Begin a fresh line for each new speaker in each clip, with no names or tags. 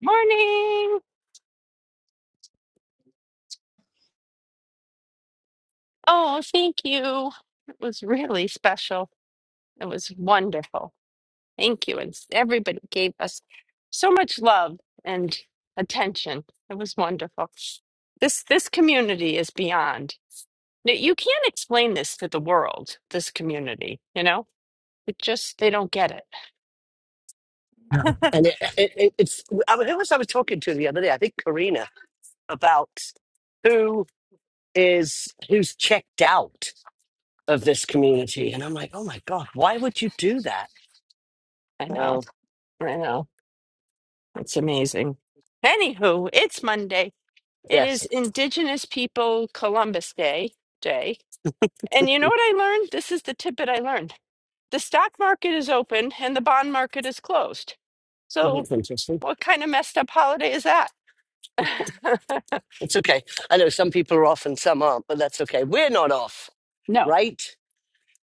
Morning. Oh, thank you. It was really special. It was wonderful. Thank you. And s- everybody gave us so much love and attention. It was wonderful. This this community is beyond. You you can't explain this to the world, this community, you know? It just they don't get it.
And it, it, it, it's I mean, who was I was talking to the other day? I think Karina about who is who's checked out of this community, and I'm like, oh my god, why would you do that?
I know.
Oh
I know. It's amazing. Anywho, it's Monday. It
yes,
is Indigenous People Columbus Day day. And you know what I learned? This is the tidbit I learned. The stock market is open and the bond market is closed. So,
that's interesting.
what kind of messed up holiday is that?
It's okay. I know some people are off and some aren't, but that's okay. We're not off,
no,
right?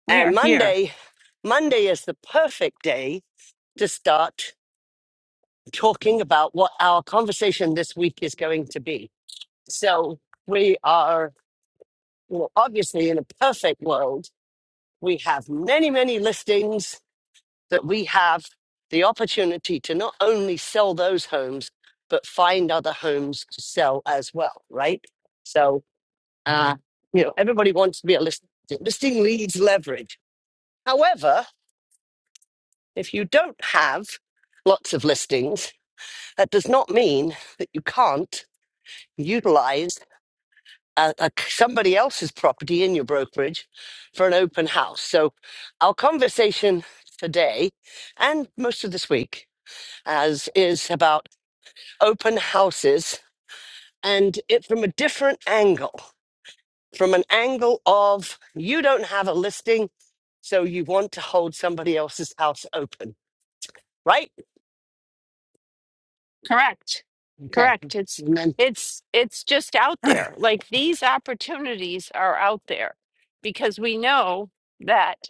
we
And
are here.
Monday, Monday is the perfect day to start talking about what our conversation this week is going to be. So we are. Well, obviously, in a perfect world, we have many, many listings that we have the opportunity to not only sell those homes, but find other homes to sell as well, right? So, uh, you know, everybody wants to be a listing. Listing leads leverage. However, if you don't have lots of listings, that does not mean that you can't utilize. a, a c- somebody else's property in your brokerage for an open house. So our conversation today and most of this week as is about open houses and it from a different angle, from an angle of you don't have a listing, so you want to hold somebody else's house open, right?
Correct.
Okay.
Correct. It's
And then
it's it's just out there. Like these opportunities are out there because we know that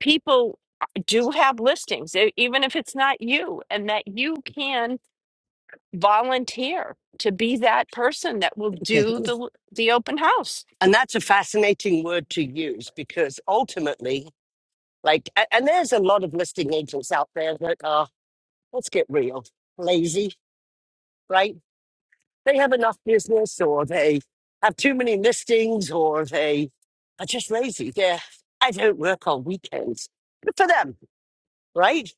people do have listings e- even if it's not you and that you can volunteer to be that person that will
okay.
do the the open house.
And that's a fascinating word to use because ultimately Like, a- and there's a lot of listing agents out there that are, let's get real, lazy, right? They have enough business or they have too many listings or they are just lazy. They're, I don't work on weekends. Good for them, right?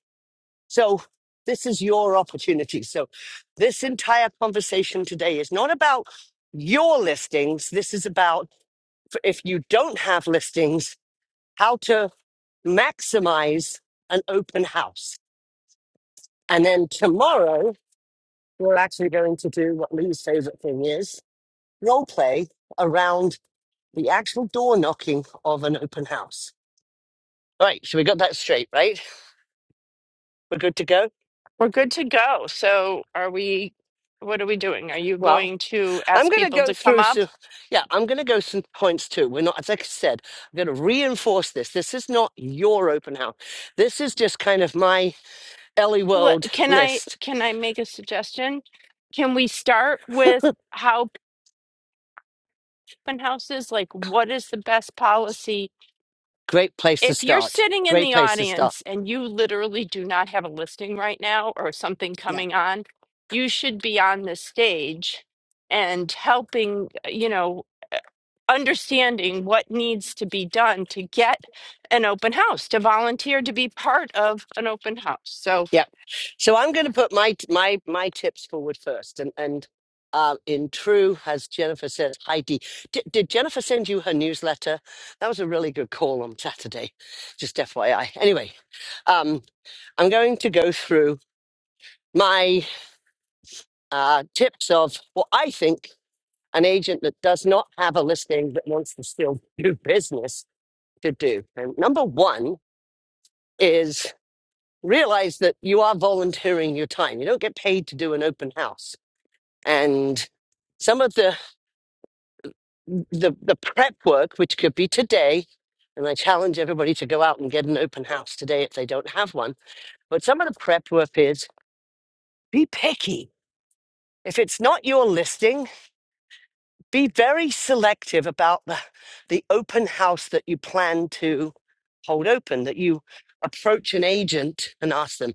So this is your opportunity. So this entire conversation today is not about your listings. This is about f- if you don't have listings, how to maximize an open house And then tomorrow, we're actually going to do what Lee's favorite thing is role play around the actual door knocking of an open house. All right, so we got that straight, right? We're good to go?
We're good to go. So are we what are we doing? Are you
Well,
going to
I'm
ask
going to
people
go
to come
through
up?
some, yeah, I'm going to go some points too. We're not, as I said, I'm going to reinforce this. This is not your open house. This is just kind of my Ellie
L-
World
Can I
list.
can I make a suggestion? Can we start with how open houses like what is the best policy?
Great place to
If you're
start.
sitting in
Great
the
place to start.
audience and you literally do not have a listing right now or something coming on, you should be on the stage and helping, you know, understanding what needs to be done to get an open house, to volunteer to be part of an open house. So
Yeah. So I'm going to put my my my tips forward first, and and uh, in true, as Jennifer said, Heidi, did, did Jennifer send you her newsletter? That was a really good call on Saturday. Just FYI. Anyway, um, I'm going to go through my uh, tips of what I think an agent that does not have a listing but wants to still do business to do. And number one is realize that you are volunteering your time. You don't get paid to do an open house. and some of the the, the prep work, which could be today, and I challenge everybody to go out and get an open house today if they don't have one. But some of the prep work is be picky. If it's not your listing, be very selective about the, the open house that you plan to hold open, that you approach an agent and ask them.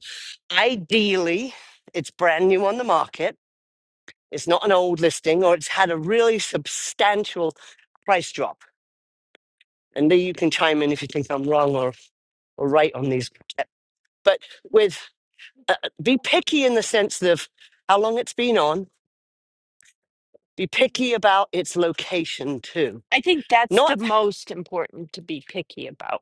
Ideally, it's brand new on the market, it's not an old listing, or it's had a really substantial price drop and Lee, you can chime in if you think I'm wrong or, or right on these. But with uh, be picky in the sense of how long it's been on. Be picky about its location too.
I think that's
Not
the most important to be picky about.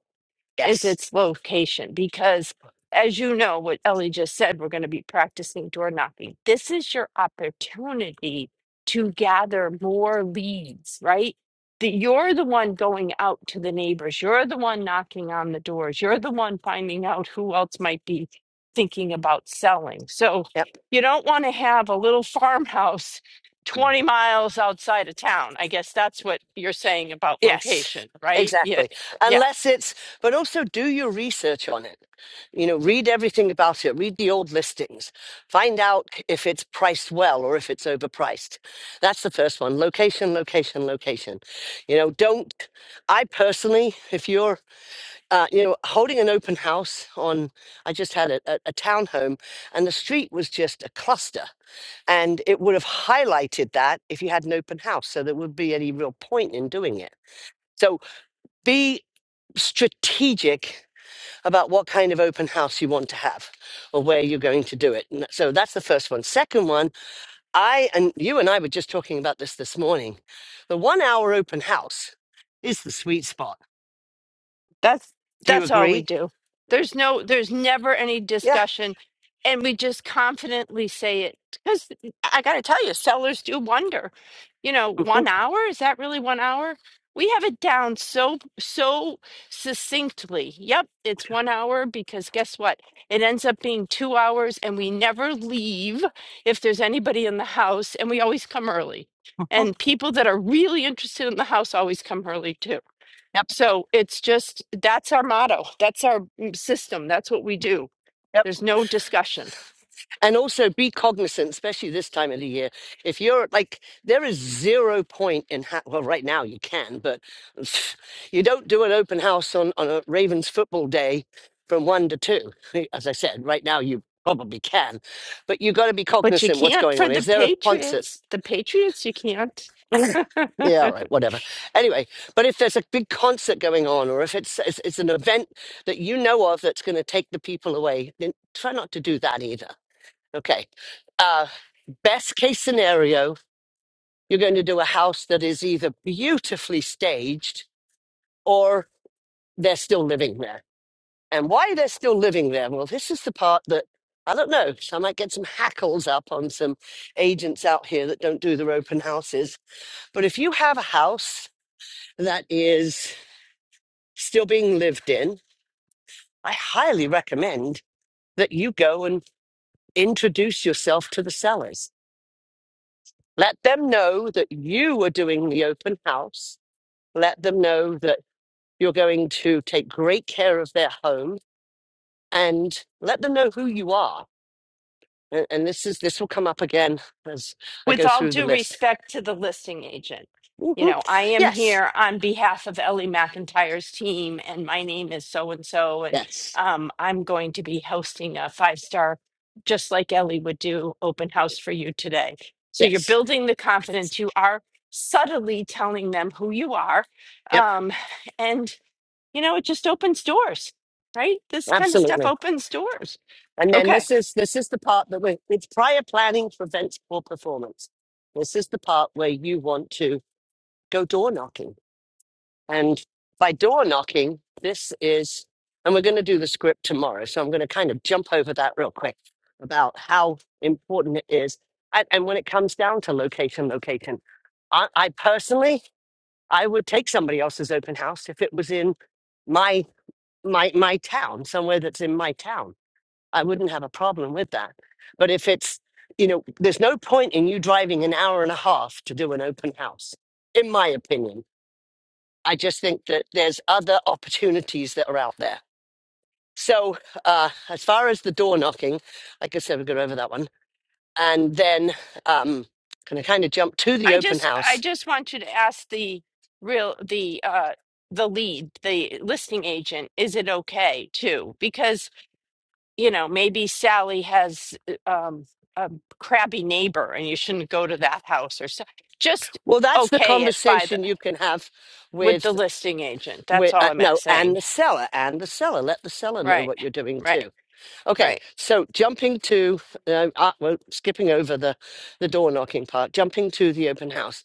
is
yes,
its location because as you know what Ellie just said we're going to be practicing door knocking this is your opportunity to gather more leads right that you're the one going out to the neighbors you're the one knocking on the doors you're the one finding out who else might be thinking about selling so
yep,
you don't want to have a little farmhouse 20 miles outside of town i guess that's what you're saying about
yes,
location right yeah
exactly.
yeah
Unless it's, but also do your research on it. You know, read everything about it. Read the old listings. Find out if it's priced well or if it's overpriced. That's the first one. Location, location, location. You know, don't I personally, if you're uh, you know, holding an open house on, I just had a, a, a townhome and the street was just a cluster. And it would have highlighted that if you had an open house. So there would be any real point in doing it. So be strategic about what kind of open house you want to have or where you're going to do it. And that- so that's the first one. Second one, I and you and I were just talking about this this morning. The one hour open house is the sweet spot.
That's
Do you
that's all we
agree?
do. There's no there's never any
Yeah.
discussion and we just confidently say it cuz I got to tell you sellers do wonder. You know,
Mhm.
1 hour is that really 1 hour? We have it down so so succinctly. Yep, it's 1 hour because guess what? It ends up being 2 hours and we never leave if there's anybody in the house and we always come early. And people that are really interested in the house always come early too.
Yep.
So it's just that's our motto. That's our mm, system. That's what we do. There's no discussion.
and also be cognizant, especially this time of the year. If you're like, there is zero point in, ha- well, right now you can, but you don't do an open house on, on a Ravens football day from one to two. As I said, right now you probably can, but you got to be
But you
cognizant what's
can't
going
for
on.
the
Is there a concert?
Patriots. The Patriots, you can't.
Yeah, all right, whatever. Anyway, but if there's a big concert going on, or if it's it's, it's an event that you know of that's going to take the people away, then try not to do that either Okay. Uh, best case scenario, you're going to do a house that is either beautifully staged or they're still living there. And why they're still living there? Well, this is the part that I don't know. So I might get some hackles up on some agents out here that don't do their open houses. But if you have a house that is still being lived in, I highly recommend that you go and introduce yourself to the sellers Let them know that you are doing the open house. Let them know that you're going to take great care of their home and let them know who you are. And, and this is this will come up again as I
with
go
all
through the
due
list.
respect to the listing agent, you
Mhm.
know, I am
Yes,
here on behalf of Ellie McIntyre's team, and my name is so and so, and
yes,
um, I'm going to be hosting a five star, just like Ellie would do, open house for you today. So you're
yes.
building the confidence. You are subtly telling them who you are,
Yep,
um, and you know, it just opens doors, right? This kind of stuff
absolutely.
opens doors.
And then
Okay.
this is this is the part that we it's prior planning prevents poor performance. This is the part where you want to go door knocking And by door knocking, this is, and we're going to do the script tomorrow. So I'm going to kind of jump over that real quick about how important it is. And, and when it comes down to location, location, I, I personally, I would take somebody else's open house if it was in my my my town, somewhere that's in my town. I wouldn't have a problem with that. But if it's, you know, there's no point in you driving an hour and a half to do an open house, in my opinion I just think that there's other opportunities that are out there. So, uh, as far as the door knocking, like I said, we'll go over that one. And then, um, can I kind of jump to the
I
open
just I
house?
just want you to ask the real the uh the lead, the listing agent, is it okay too? Because, you know, maybe Sally has uh, um a crabby neighbor and you shouldn't go to that house or so. Just
Well, that's the
okay it by the
conversation you can have
with the
with,
listing agent. That's
with
all
uh,
I'm at
no, and
saying.
the seller, and the seller. Let the seller know
Right.
what you're doing
Right.
too.
Right.
Okay, so jumping to, uh, uh, well, skipping over the, the door knocking part, jumping to the open house.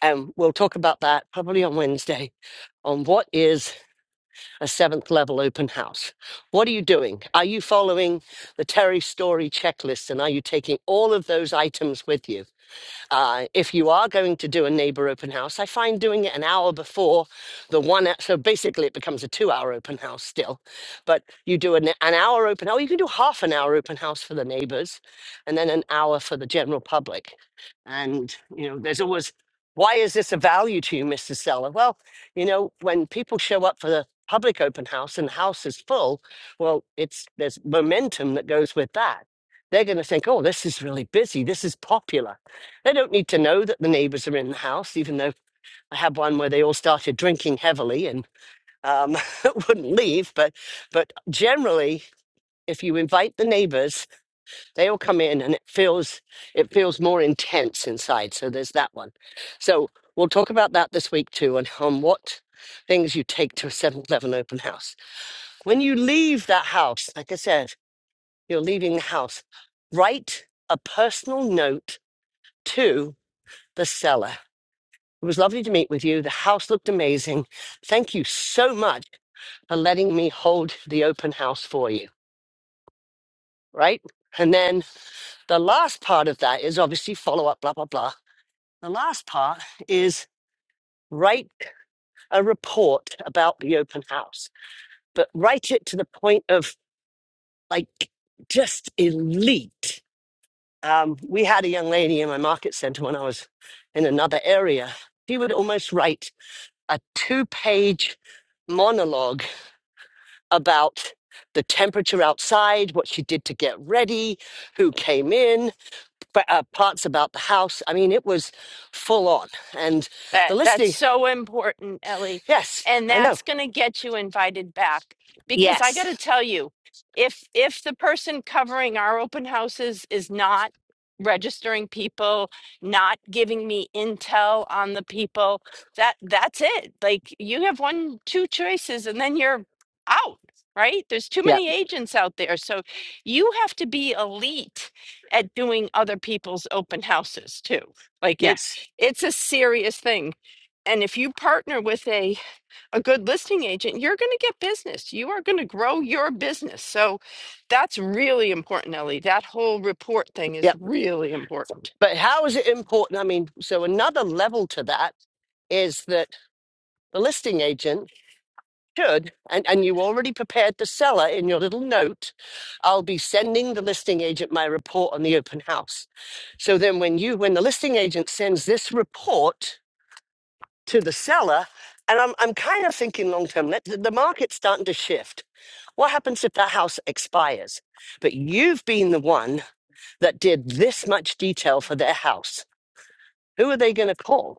And we'll talk about that probably on Wednesday on what is a seventh level open house. What are you doing? Are you following the Terry Story checklist and are you taking all of those items with you? Uh, if you are going to do a neighbor open house, I find doing it an hour before the one. So basically, it becomes a two hour open house still. But you do an, an hour open house, you can do half an hour open house for the neighbors and then an hour for the general public. And, you know, there's always, why is this a value to you, Mr. Seller? Well, you know, when people show up for the public open house and the house is full, well, it's there's momentum that goes with that. They're going to think, oh, this is really busy. This is popular they don't need to know that the neighbors are in the house, even though I had one where they all started drinking heavily and um, wouldn't leave. But, but generally, if you invite the neighbors, they all come in and it feels, it feels more intense inside. So there's that one. So we'll talk about that this week too and on what things you take to a Seven Eleven open house. When you leave that house, like I said, you're leaving the house, write a personal note to the seller It was lovely to meet with you. The house looked amazing. Thank you so much for letting me hold the open house for you, right? And then the last part of that is obviously follow up, blah, blah, blah. The last part is write a report about the open house, but write it to the point of like just elite. Um, we had a young lady in my market center when I was in another area. She would almost write a two page monologue about the temperature outside, what she did to get ready, who came in, but, uh, parts about the house. I mean, it was full on. And
That
the
that's
listing,
so important, Ellie.
yes,
And
I know.
that's going to get you invited back because I got to
Yes.
tell you, if if the person covering our open houses is not registering people, not giving me intel on the people, that that's it. Like you have one two choices and then you're out, right? There's too
Yep.
many agents out there. So you have to be elite at doing other people's open houses too. Like it.
Yes.
It's a serious thing. And if you partner with a, a good listing agent, you're going to get business. You are going to grow your business. So that's really important, Ellie. That whole report thing is
Yep.
really important.
But how is it important? I mean, so another level to that is that the listing agent should, and, and you already prepared the seller in your little note, I'll be sending the listing agent my report on the open house. So then when you when the listing agent sends this report to the seller, and I'm I'm kind of thinking long term, let the the market's starting to shift. What happens if that house expires? But you've been the one that did this much detail for their house. Who are they going to call?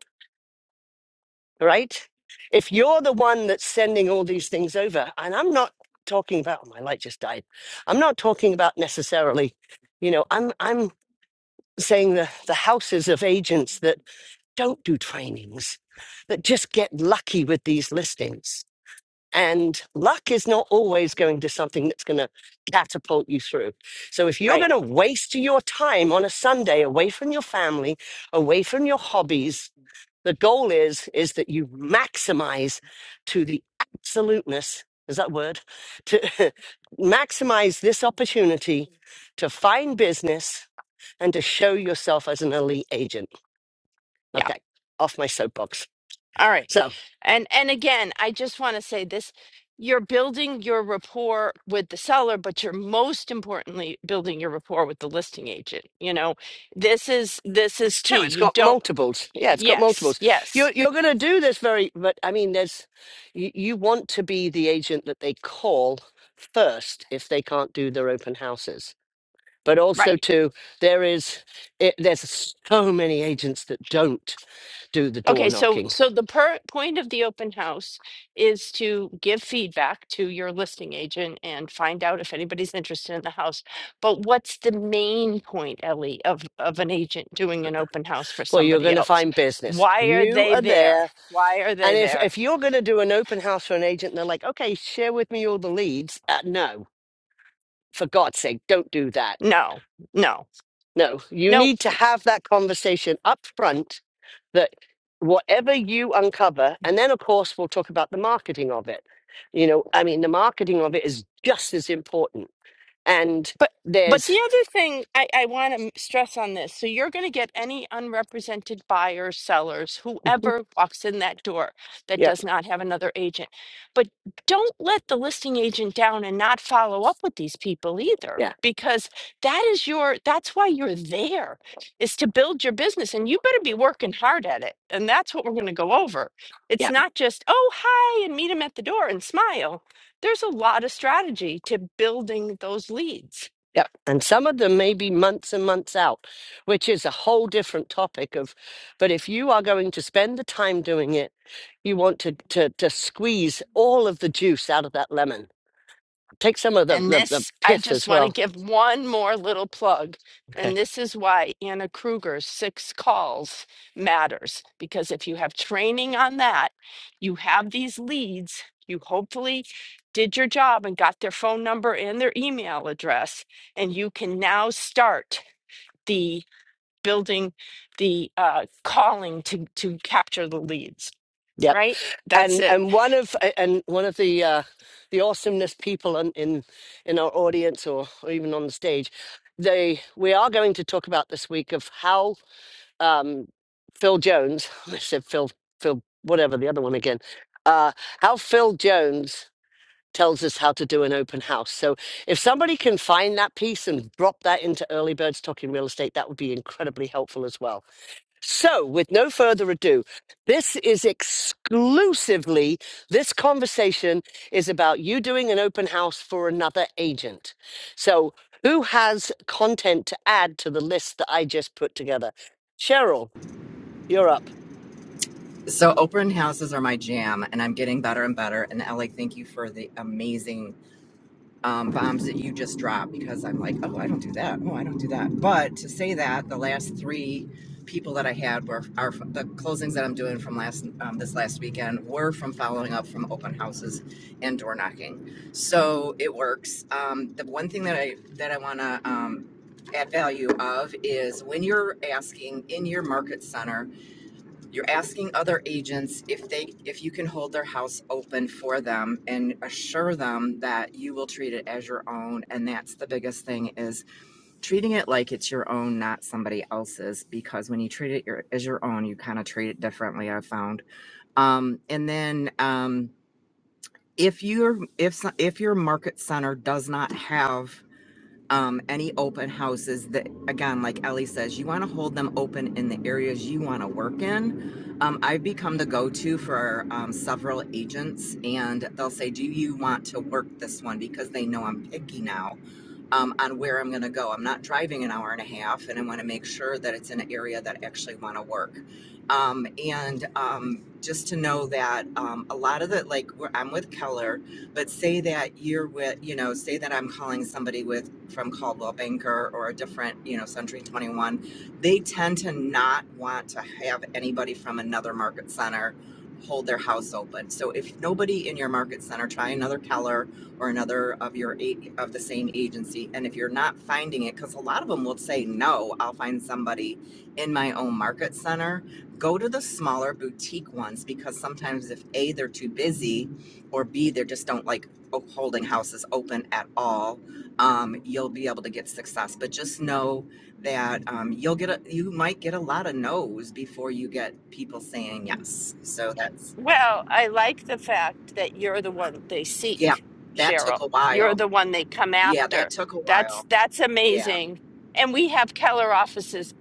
right? If you're the one that's sending all these things over, and I'm not talking about oh, my light just died. I'm not talking about necessarily, you know, I'm I'm saying the the houses of agents that don't do trainings, that just get lucky with these listings. And luck is not always going to something that's going to catapult you through. So if you're going
Right.
to waste your time on a Sunday away from your family, away from your hobbies, the goal is is that you maximize to the absoluteness. Is that a word? To maximize this opportunity to find business and to show yourself as an elite agent.
Yeah.
Okay, off my soapbox.
All right.
So
And and again, I just want to say this you're building your rapport with the seller, but you're most importantly building your rapport with the listing agent. You know, this is this is
it's true.
key.
It's
You
got
don't
multiples. Yeah, it's got
yes,
multiples. You're
yes.
you're going to do this very, but I mean, there's you, you want to be the agent that they call first if they can't do their open houses but
Right.
also too there is it, there's so many agents that don't do the door
Okay, so
knocking
so the per point of the open house is to give feedback to your listing agent and find out if anybody's interested in the house. But what's the main point, Ellie, of of an agent doing an open house for
well you're going
somebody
to
else?
find business
Why are
you
they
are
there?
there
Why are
and
they
if
there?
if you're going to do an open house for an agent and they're like okay share with me all the leads uh, no for god's sake don't do that
No, no,
no you
no.
need to have that conversation up front that whatever you uncover and then of course we'll talk about the marketing of it you know i mean the marketing of it is just as important and
But but
there's
the other thing I, I want to stress on this, so you're going to get any unrepresented buyers, sellers, whoever walks in that door that
Yep,
does not have another agent. But don't let the listing agent down and not follow up with these people either,
yeah,
because that is your that's why you're there is to build your business and you better be working hard at it. And that's what we're going to go over. It's
yep,
not just, oh, hi, and meet them at the door and smile. There's a lot of strategy to building those leads.
yep. And some of them may be months and months out, which is a whole different topic of, but if you are going to spend the time doing it, you want to to to squeeze all of the juice out of that lemon. Take some of the
And
the, the
this, I
pith
just
as
want to
well.
give one more little plug.
Okay.
And this is why Anna Kruger's six calls matters. Because if you have training on that, you have these leads, you hopefully did your job and got their phone number and their email address, and you can now start the building the uh, calling to, to capture the leads,
Yep.
right? That's
And
it.
and one of a- and one of the uh the awesomeness people in in, in our audience or, or even on the stage, they we are going to talk about this week of how um, Phil Jones. I said Phil, Phil, whatever the other one again. Uh, how Phil Jones tells us how to do an open house. So if somebody can find that piece and drop that into Early Birds Talking Real Estate, that would be incredibly helpful as well. So with no further ado, this is exclusively this conversation is about you doing an open house for another agent. So. Who has content to add to the list that I just put together? Cheryl, you're up.
So open houses are my jam, and I'm getting better and better. And Ellie, thank you for the amazing um, bombs that you just dropped because I'm like, oh, I don't do that. Oh, I don't do that. But to say that, the last three people that I had were are the closings that I'm doing from last um, this last weekend were from following up from open houses and door knocking. So it works. Um, the one thing that I that I want to um, add value of is when you're asking in your market center you're asking other agents if they, if you can hold their house open for them and assure them that you will treat it as your own. And that's the biggest thing is treating it like it's your own, not somebody else's. Because when you treat it your, as your own, you kind of treat it differently. I've found. Um, and then um, if are if so- if your market center does not have um, any open houses that, again, like Ellie says, you want to hold them open in the areas you want to work in. Um, I've become the go to for um, several agents, and they'll say, Do you want to work this one? Because they know I'm picky now um, on where I'm going to go. I'm not driving an hour and a half, and I want to make sure that it's in an area that I actually want to work. Um, and um, just to know that um, a lot of the, like, where I'm with Keller but say that you're with, you know, say that I'm calling somebody with from Caldwell Banker or a different, you know, Century 21, they tend to not want to have anybody from another market center hold their house open. So if nobody in your market center, try another Keller or another of your eight of the same agency. And if you're not finding it, because a lot of them will say, no, I'll find somebody in my own market center. Go to the smaller boutique ones because sometimes if A, they're too busy or B, they just don't like o- holding houses open at all, um, you'll be able to get success. But just know that um, you'll get a, you might get a lot of no's before you get people saying yes. So that's
Well, I like the fact that you're the one they
yeah,
seek,
that took
Cheryl.
a
You're
while.
the one they come
Yeah, that
after.
took a
That's
while.
that's
Yeah,
amazing. And we have Keller offices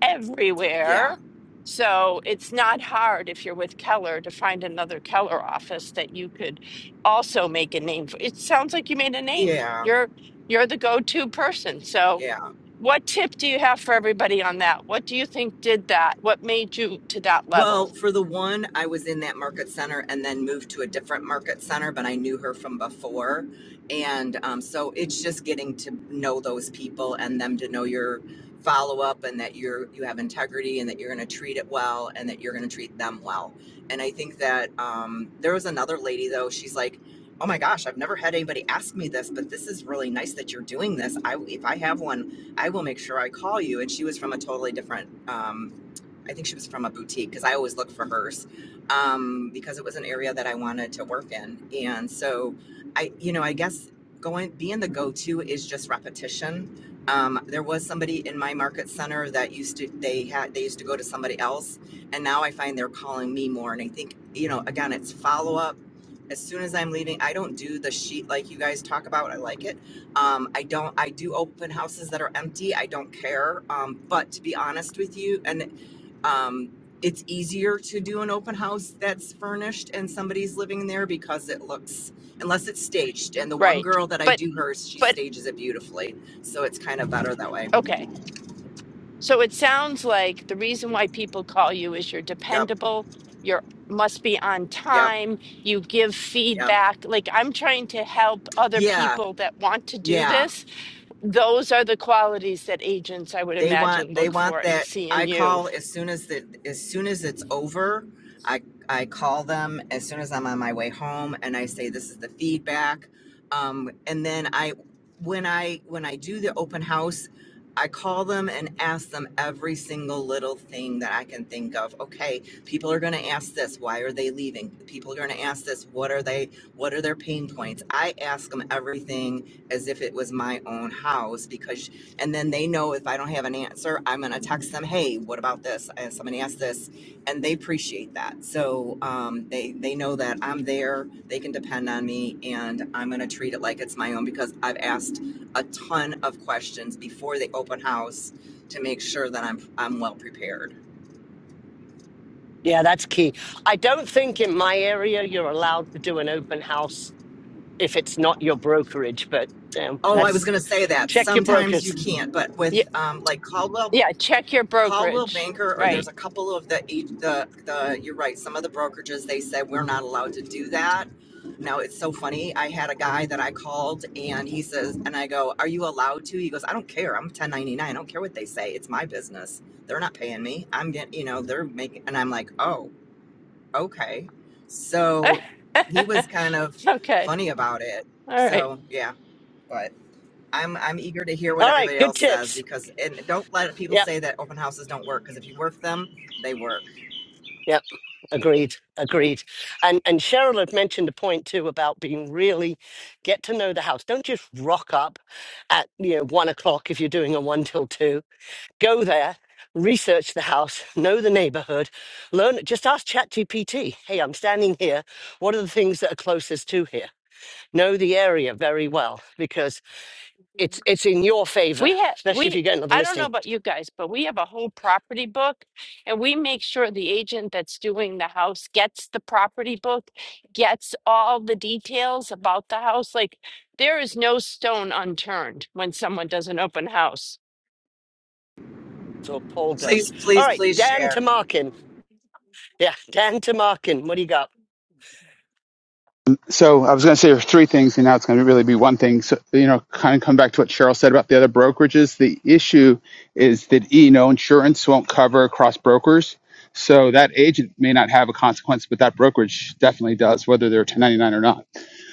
yeah,
everywhere. So it's not hard if you're with Keller to find another Keller office that you could also make a name for. It sounds like you made a name.
yeah,
You're you're the go-to person. So
yeah.
what tip do you have for everybody on that? What do you think did that? What made you to that level?
Well, for the one, I was in that market center and then moved to a different market center, but I knew her from before. And um, so it's just getting to know those people and them to know your follow up and that you're you have integrity and that you're going to treat it well and that you're going to treat them well. And I think that um, there was another lady though. She's like, "Oh my gosh, I've never had anybody ask me this, but this is really nice that you're doing this. I if I have one, I will make sure I call you." And she was from a totally different um, I think she was from a boutique because I always look for hers um, because it was an area that I wanted to work in. And so I, you know, I guess going, being the go to is just repetition. Um, there was somebody in my market center that used to, they had, they used to go to somebody else. And now I find they're calling me more. And I think, you know, again, it's follow up. As soon as I'm leaving, I don't do the sheet like you guys talk about. I like it. Um, I don't. I do open houses that are empty. I don't care. Um, but to be honest with you, and um, it's easier to do an open house that's furnished and somebody's living there because it looks unless it's staged and the one
Right.
girl that i
But
do hers she
but
stages it beautifully so it's kind of better that way
okay So it sounds like the reason why people call you is you're
yep
dependable, you're must be on
yep
time, you give
yep
feedback. Like I'm trying to help other
yeah
people that want to do
yeah
this. Those are the qualities that agents I would
They
imagine
want they
look
want
for and
that
see in
I
you.
call as soon as the as soon as it's over. I I call them as soon as I'm on my way home and I say this is the feedback. Um, and then I when I when I do the open house, I call them and ask them every single little thing that I can think of. Okay, people are going to ask this, why are they leaving? People are going to ask this, what are they what are their pain points? I ask them everything as if it was my own house because and then they know if I don't have an answer, I'm going to text them, hey, what about this? And somebody asked this. And they appreciate that. So um, they, they know that I'm there, they can depend on me, and I'm going to treat it like it's my own because I've asked a ton of questions before the open house to make sure that I'm, I'm well prepared.
Yeah, that's key. I don't think in my area you're allowed to do an open house if it's not your brokerage, but you know,
Oh, I was
that's
going to say that
check your
sometimes you
brokers.
can't, but
Yeah,
with um, like Caldwell
yeah, check your
Caldwell
brokerage.
Banker, or
Right.
there's a couple of the, the, the, you're right, some of the brokerages, they said we're not allowed to do that. Now it's so funny. I had a guy that I called and he says, and I go, Are you allowed to? He goes, I don't care. I'm 1099. I don't care what they say. It's my business. They're not paying me. I'm getting, you know, they're making, and I'm like, Oh, okay. So he was kind of
okay.
funny about it.
All right.
So yeah, but. I'm I'm eager to hear what
All right,
everybody
good
else says
tips.
because and don't let people
Yep,
say that open houses don't work because if you work them, they work.
yep. Agreed, agreed. And and Cheryl had mentioned a point too about being really get to know the house. Don't just rock up at you know one o'clock if you're doing a one till two Go there, research the house, know the neighborhood, learn. Just ask ChatGPT. Hey, I'm standing here. What are the things that are closest to here? Know the area very well because it's it's in your favor,
We have
especially if
we
you get another
I don't know
listing.
about you guys, but we have a whole property book and we make sure the agent that's doing the house gets the property book, gets all the details about the house. Like there is no stone unturned when someone does an open house.
So Paul does.
Please,
All
please,
right,
please
Dan
share.
Tamarkin. Yeah, Dan Tamarkin, what do you got?
Um, so I was going to say there's three things, and now it's going to really be one thing. So you know, kind of come back to what Cheryl said about the other brokerages. The issue is that you know insurance won't cover across brokers, so that agent may not have a consequence, but that brokerage definitely does, whether they're 1099 or not.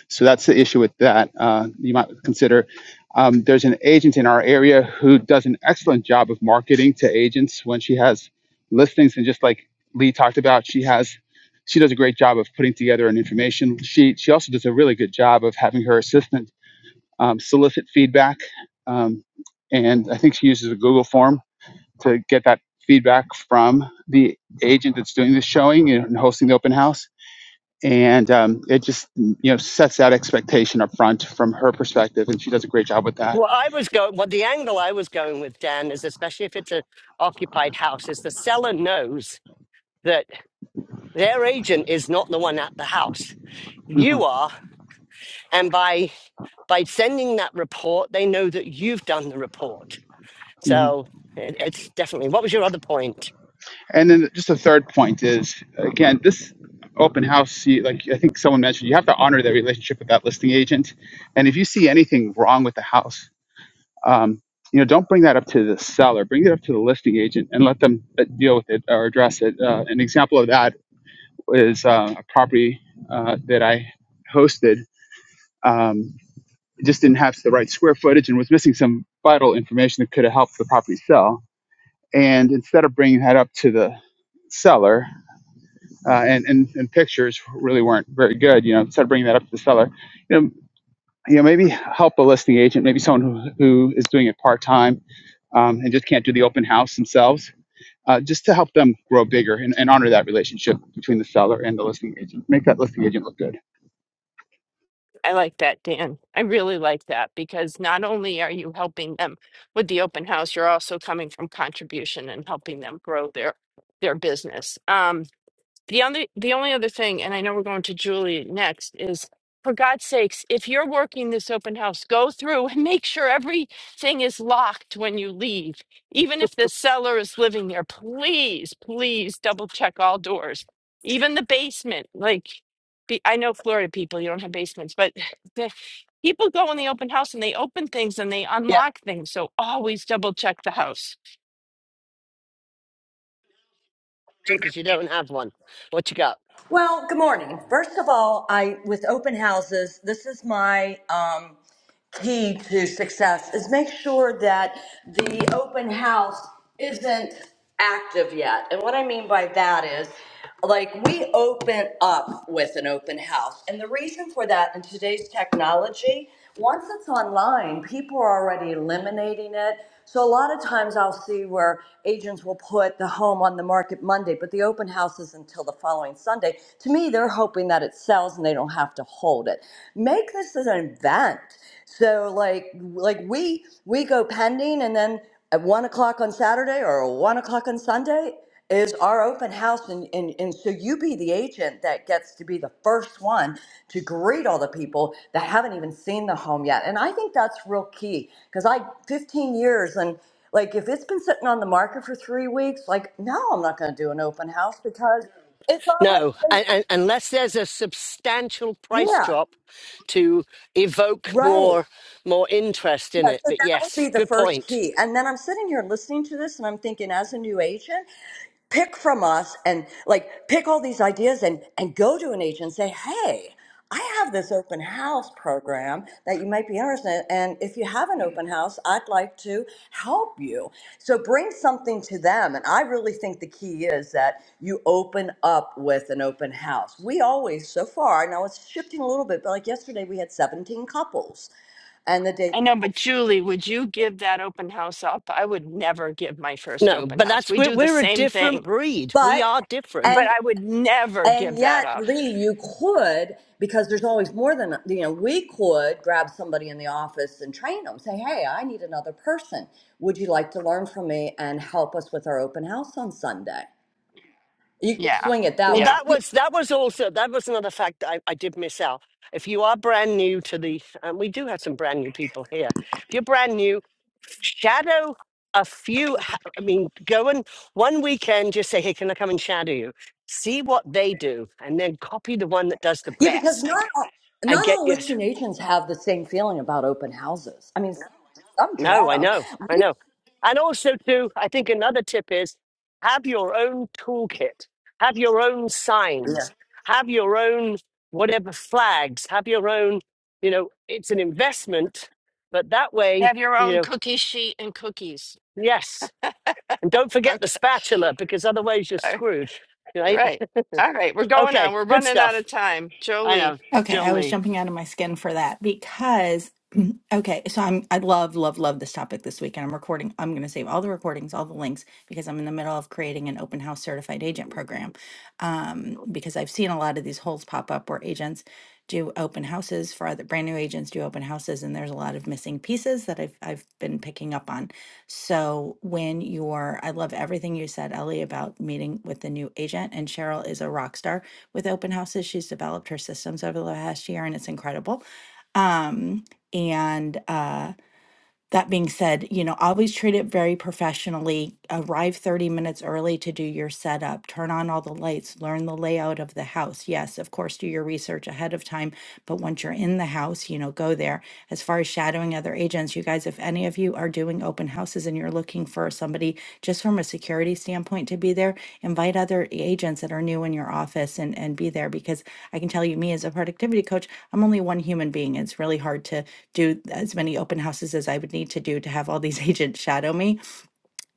So that's the issue with that. Uh, you might consider. Um, there's an agent in our area who does an excellent job of marketing to agents when she has listings, and just like Lee talked about, she has she does a great job of putting together an information sheet. She also does a really good job of having her assistant um, solicit feedback. Um, and I think she uses a Google form to get that feedback from the agent that's doing the showing and hosting the open house. And um, it just you know sets that expectation up front from her perspective, and she does a great job with that.
Well, I was going, well, the angle I was going with, Dan, is especially if it's an occupied house, is the seller knows that their agent is not the one at the house. You
Mhm.
are. And by by sending that report, they know that you've done the report. So it, it's definitely, what was your other point?
And then just a third point is again, this open house, you, like I think someone mentioned, you have to honor that relationship with that listing agent. And if you see anything wrong with the house, um, you know, don't bring that up to the seller. Bring it up to the listing agent and let them uh, deal with it or address it. Uh, an example of that is uh, a property uh, that I hosted. Um, it just didn't have the right square footage and was missing some vital information that could have helped the property sell. And instead of bringing that up to the seller, uh, and, and and pictures really weren't very good. You know, instead of bringing that up to the seller, you know, you know, maybe help a listing agent, maybe someone who, who is doing it part time um, and just can't do the open house themselves, uh, just to help them grow bigger and, and honor that relationship between the seller and the listing agent. Make that listing agent look good.
I like that, Dan. I really like that because not only are you helping them with the open house, you're also coming from contribution and helping them grow their their business. Um. The only the only other thing, and I know we're going to Julie next, is for God's sakes, if you're working this open house, go through and make sure everything is locked when you leave. Even if the seller is living there, please, please double check all doors, even the basement. Like, be, I know Florida people, you don't have basements, but the, people go in the open house and they open things and they
Yeah,
unlock things. So always double check the house.
because you don't have one. What you got?
Well, good morning. First of all, I with open houses, this is my um, key to success is make sure that the open house isn't active yet. And what I mean by that is like we open up with an open house. And the reason for that in today's technology, once it's online, people are already eliminating it. So a lot of times I'll see where agents will put the home on the market Monday, but the open house is until the following Sunday. To me, they're hoping that it sells and they don't have to hold it. Make this an event so like like we we go pending, and then at one o'clock on Saturday or one o'clock on Sunday is our open house, and, and and so you be the agent that gets to be the first one to greet all the people that haven't even seen the home yet, and I think that's real key because I 15 years and. Like if it's been sitting on the market for three weeks, like no, I'm not going to do an open house because it's
No,
already
and, and, unless there's a substantial
been,
price
yeah,
drop to evoke
right.
more more interest in
Yeah,
it.
so
But
that would
yes,
be the
good
first
point.
key. And then I'm sitting here listening to this and I'm thinking as a new agent, pick from us and like pick all these ideas and and go to an agent and say, "Hey, I have this open house program that you might be interested in and if you have an open house, I'd like to help you." So bring something to them and I really think the key is that you open up with an open house. We always so far, now it's shifting a little bit, but like yesterday we had 17 couples and the day.
I know, but Julie, would you give that open house up? I would never give my first
No,
open
but
house.
that's
We
we're,
do the
we're a
same
different
thing,
breed. We
but
are different.
but
and
I would never
and
give that
yet
up.
lee you could because there's always more than you know we could grab somebody in the office and train them say hey i need another person would you like to learn from me and help us with our open house on sunday you could
Yeah.
swing it that
Well,
way
Yeah.
that
You-
was that was also that was another fact that I, I did miss out. If you are brand new to the, and we do have some brand new people here. If you're brand new, shadow a few. ha- I mean, go and one weekend, just say, "Hey, can I come and shadow you?" See what they do, and then copy the one that does the
yeah because
best,
not all,
and
not
get
all
your."
listing agents have the same feeling about open houses i mean some,
No, I know,
dread
I know. And also, too, I think another tip is have your own toolkit, have your own
them
signs, have your own whatever flags, have your own, you know, it's an investment, but that way,
Have your
you
own
know,
cookie sheet and cookies.
yes. And don't forget the
Okay.
spatula because otherwise you're
All
screwed, right?
right. All right. We're going
Okay,
on. We're
good
running out
stuff.
of time.
I know,
Jolie.
Okay, I
Jolie.
was jumping out of my skin for that because okay, so I'm I love love love this topic this week and I'm recording I'm going to save all the recordings, all the links because I'm in the middle of creating an open house certified agent program. Um because I've seen a lot of these holes pop up where agents do open houses for other brand new agents do open houses and there's a lot of missing pieces that I've I've been picking up on. So when you're I love everything you said Ellie about meeting with the new agent and Cheryl is a rock star with open houses. She's developed her systems over the last year and it's incredible. Um, and uh, that being said, you know, always treat it very professionally. Arrive 30 minutes early to do your setup, turn on all the lights, learn the layout of the house. Yes, of course, do your research ahead of time but once you're in the house, you know, go there. As far as shadowing other agents, you guys, if any of you are doing open houses and you're looking for somebody just from a security standpoint to be there, invite other agents that are new in your office and, and be there because I can tell you, me as a productivity coach, I'm only one human being. It's really hard to do as many open houses as I would need to do to have all these agents shadow me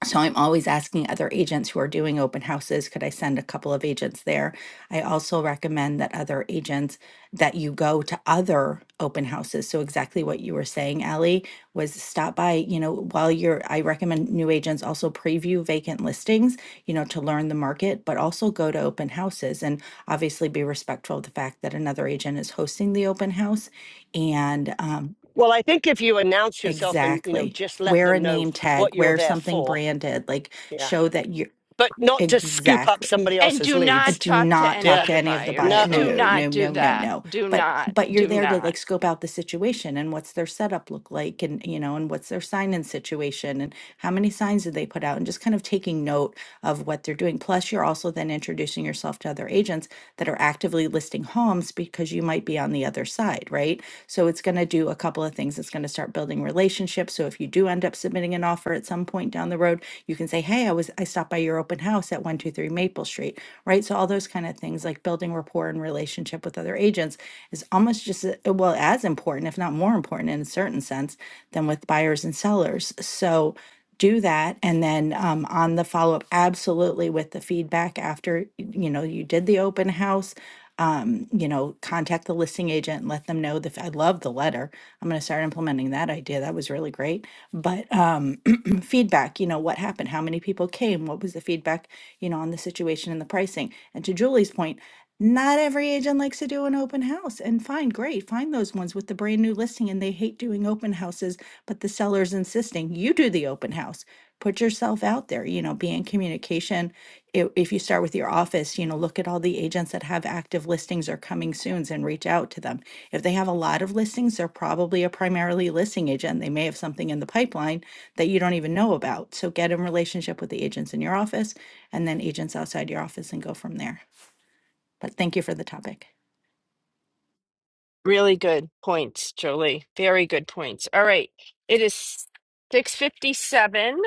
so I'm always asking other agents who are doing open houses, could I send a couple of agents there? I also recommend that other agents that you go to other open houses. So exactly what you were saying, Ally, was stop by, you know, while you're I recommend new agents also preview vacant listings, you know, to learn the market, but also go to open houses and obviously be respectful of the fact that another agent is hosting the open house and um
Well, I think if you announce yourself and, you know,
Exactly.
just let
Wear a
them know
name
what
tag,
you're
wear
there
something
for.
branded, like
Yeah.
show that you
but not to scoop up
exactly
somebody
And
else's
do
leads.
not
do
talk to
not
any
talk
Yeah.
to
other
any of the buyer.
buyers. Do
No,
No, no,
not do
no, no,
that.
no.
Do
But
not.
but you're
Do
there to like
not.
scope out the situation and what's their setup look like and you know and what's their sign-in situation and how many signs did they put out and just kind of taking note of what they're doing. Plus you're also then introducing yourself to other agents that are actively listing homes because you might be on the other side, right? So it's going to do a couple of things. It's going to start building relationships. So if you do end up submitting an offer at some point down the road, you can say, hey, I was I stopped by your open house at 123 Maple Street, right? So all those kind of things like building rapport and relationship with other agents is almost just a- well as important, if not more important in a certain sense than with buyers and sellers. So do that and then um, on the follow-up absolutely with the feedback after you know you did the open house um, you know, contact the listing agent and let them know that I love the letter. I'm going to start implementing that idea. That was really great. But um, feedback, you know, what happened? How many people came? What was the feedback, you know, on the situation and the pricing? And to Julie's point, not every agent likes to do an open house. And fine, great. Find those ones with the brand new listing and they hate doing open houses, but the seller's insisting you do the open house put yourself out there you know be in communication if, if you start with your office you know look at all the agents that have active listings or coming soons and reach out to them if they have a lot of listings they're probably a primarily listing agent they may have something in the pipeline that you don't even know about so get in relationship with the agents in your office and then agents outside your office and go from there but thank you for the topic
Really good points, Jolie. Very good points. All right. It is 657.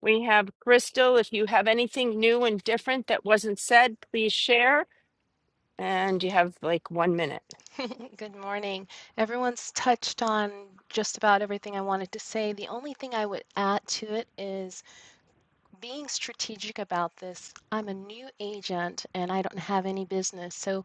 We have Crystal. If you have anything new and different that wasn't said, please share. And you have like one minute.
Good morning. Everyone's touched on just about everything I wanted to say. The only thing I would add to it is being strategic about this. I'm a new agent and I don't have any business. So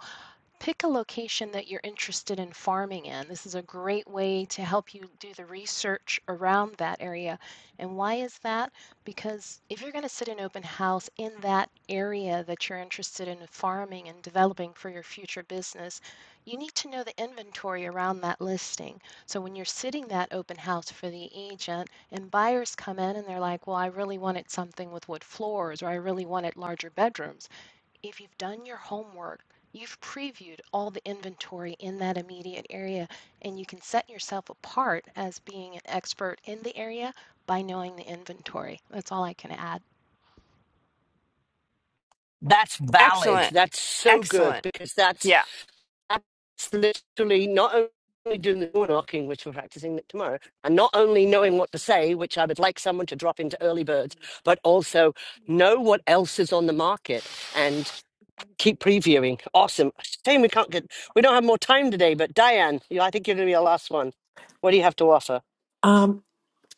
pick a location that you're interested in farming in. This is a great way to help you do the research around that area. And why is that? Because if you're going to sit in open house in that area that you're interested in farming and developing for your future business, you need to know the inventory around that listing. So when you're sitting that open house for the agent and buyers come in and they're like, well, I really wanted something with wood floors or I really wanted larger bedrooms if you've done your homework, you've previewed all the inventory in that immediate area, and you can set yourself apart as being an expert in the area by knowing the inventory. That's all I can add.
that's valid.
Excellent.
That's so good
Excellent.
because that's,
Yeah.
that's literally not only doing the door knocking, which we're practicing tomorrow, and not only knowing what to say, which I would like someone to drop into early birds, but also know what else is on the market and keep previewing. Awesome. Shame we can't get, we don't have more time today, but Diane, you, I think you're going to be our last one. What do you have to offer?
Um,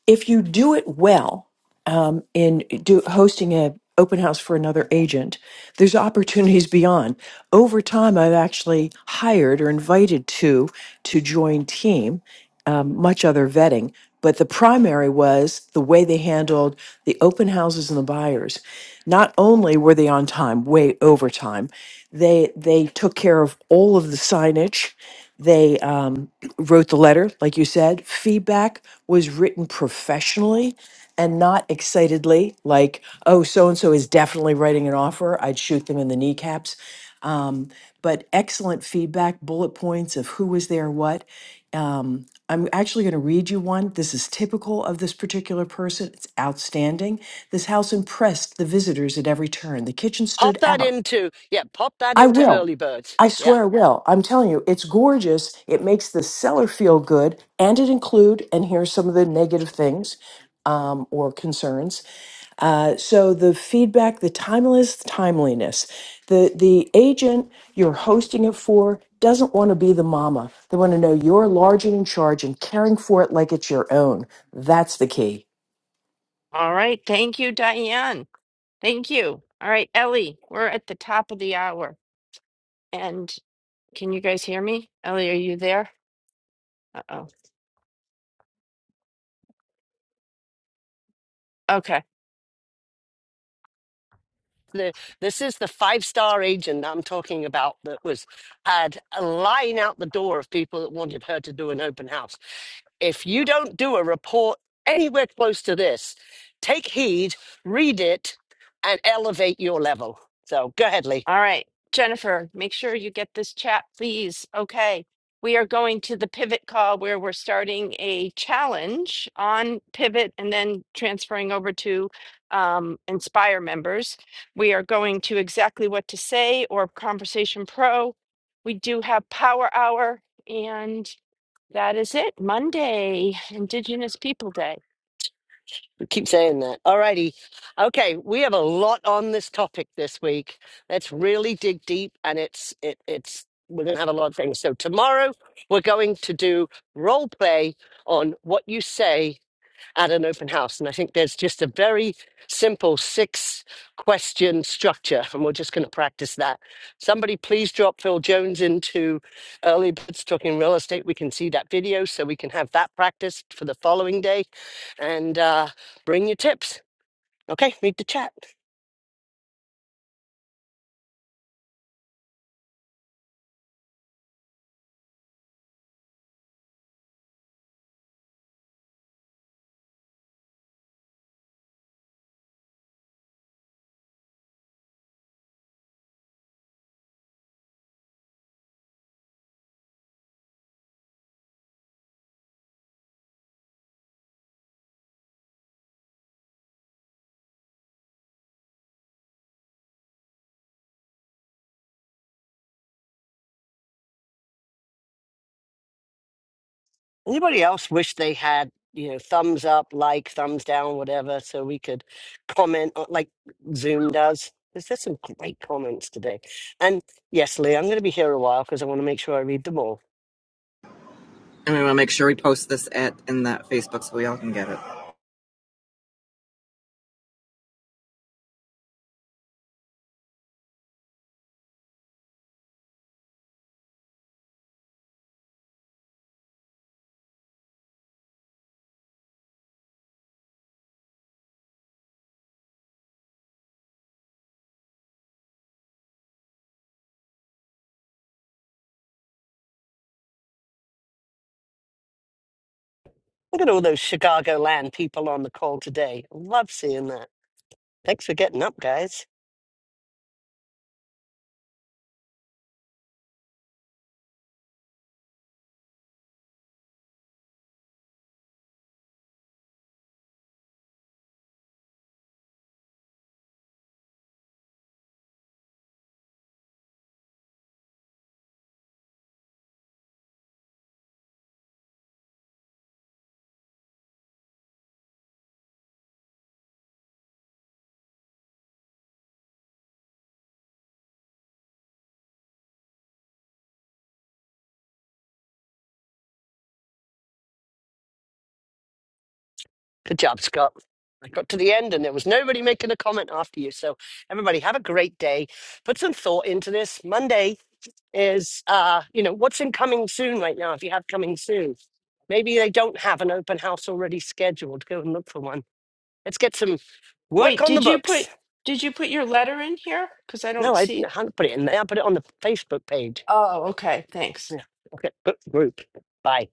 if you do it well um, in do, hosting a open house for another agent, there's opportunities beyond. Over time, I've actually hired or invited two to join team, um, much other vetting. But the primary was the way they handled the open houses and the buyers. Not only were they on time, way over time, they they took care of all of the signage. They um, wrote the letter, like you said, feedback was written professionally and not excitedly, like, oh, so and so is definitely writing an offer. I'd shoot them in the kneecaps. Um, but excellent feedback, bullet points of who was there, what. Um, I'm actually going to read you one. This is typical of this particular person. It's outstanding. This house impressed the visitors at every turn. The kitchen stood
Pop that
out.
into, yeah, pop that
I
into
will.
early birds.
I
Yeah.
swear I will. I'm telling you, it's gorgeous. It makes the seller feel good, and it include. And here's some of the negative things um, or concerns. Uh, so the feedback, the timeless timeliness, the the agent you're hosting it for doesn't want to be the mama. They want to know you're large and in charge and caring for it like it's your own. That's the key.
All right. Thank you, Diane. Thank you. All right, Ellie, we're at the top of the hour. And can you guys hear me? Ellie, are you there? Uh oh. Okay.
the this is the five star agent I'm talking about that was had a line out the door of people that wanted her to do an open house. If you don't do a report anywhere close to this, take heed, read it, and elevate your level. So go ahead, Lee.
All right, Jennifer, make sure you get this chat, please. Okay. We are going to the pivot call where we're starting a challenge on pivot and then transferring over to um, Inspire members. We are going to exactly what to say or Conversation Pro. We do have Power Hour, and that is it. Monday, Indigenous People Day.
We Keep saying that. All righty. Okay, we have a lot on this topic this week. Let's really dig deep, and it's it, it's we're gonna have a lot of things. So tomorrow we're going to do role play on what you say at an open house. And I think there's just a very simple six question structure, and we're just going to practice that. Somebody, please drop Phil Jones into Early Birds Talking Real Estate. We can see that video so we can have that practiced for the following day and uh, bring your tips. Okay, read the chat. Anybody else wish they had, you know, thumbs up, like, thumbs down, whatever, so we could comment uh, like Zoom does? There's just some great comments today. And yes, Lee, I'm going to be here a while because I want to make sure I read them all.
And we want to make sure we post this at in that Facebook so we all can get it.
Look at all those Chicagoland people on the call today. Love seeing that. Thanks for getting up, guys. Good job, Scott. I got to the end and there was nobody making a comment after you. So, everybody, have a great day. Put some thought into this. Monday, is uh you know what's in coming soon right now if you have coming soon maybe they don't have an open house already scheduled go and look for one let's get some work
Wait,
on the
did you put
books
did you put your letter in here? Because I
no
don't
i
see
didn't I
it.
hadn't put it in there i put it on the facebook page
Oh, okay. Thanks.
yeah okay book group bye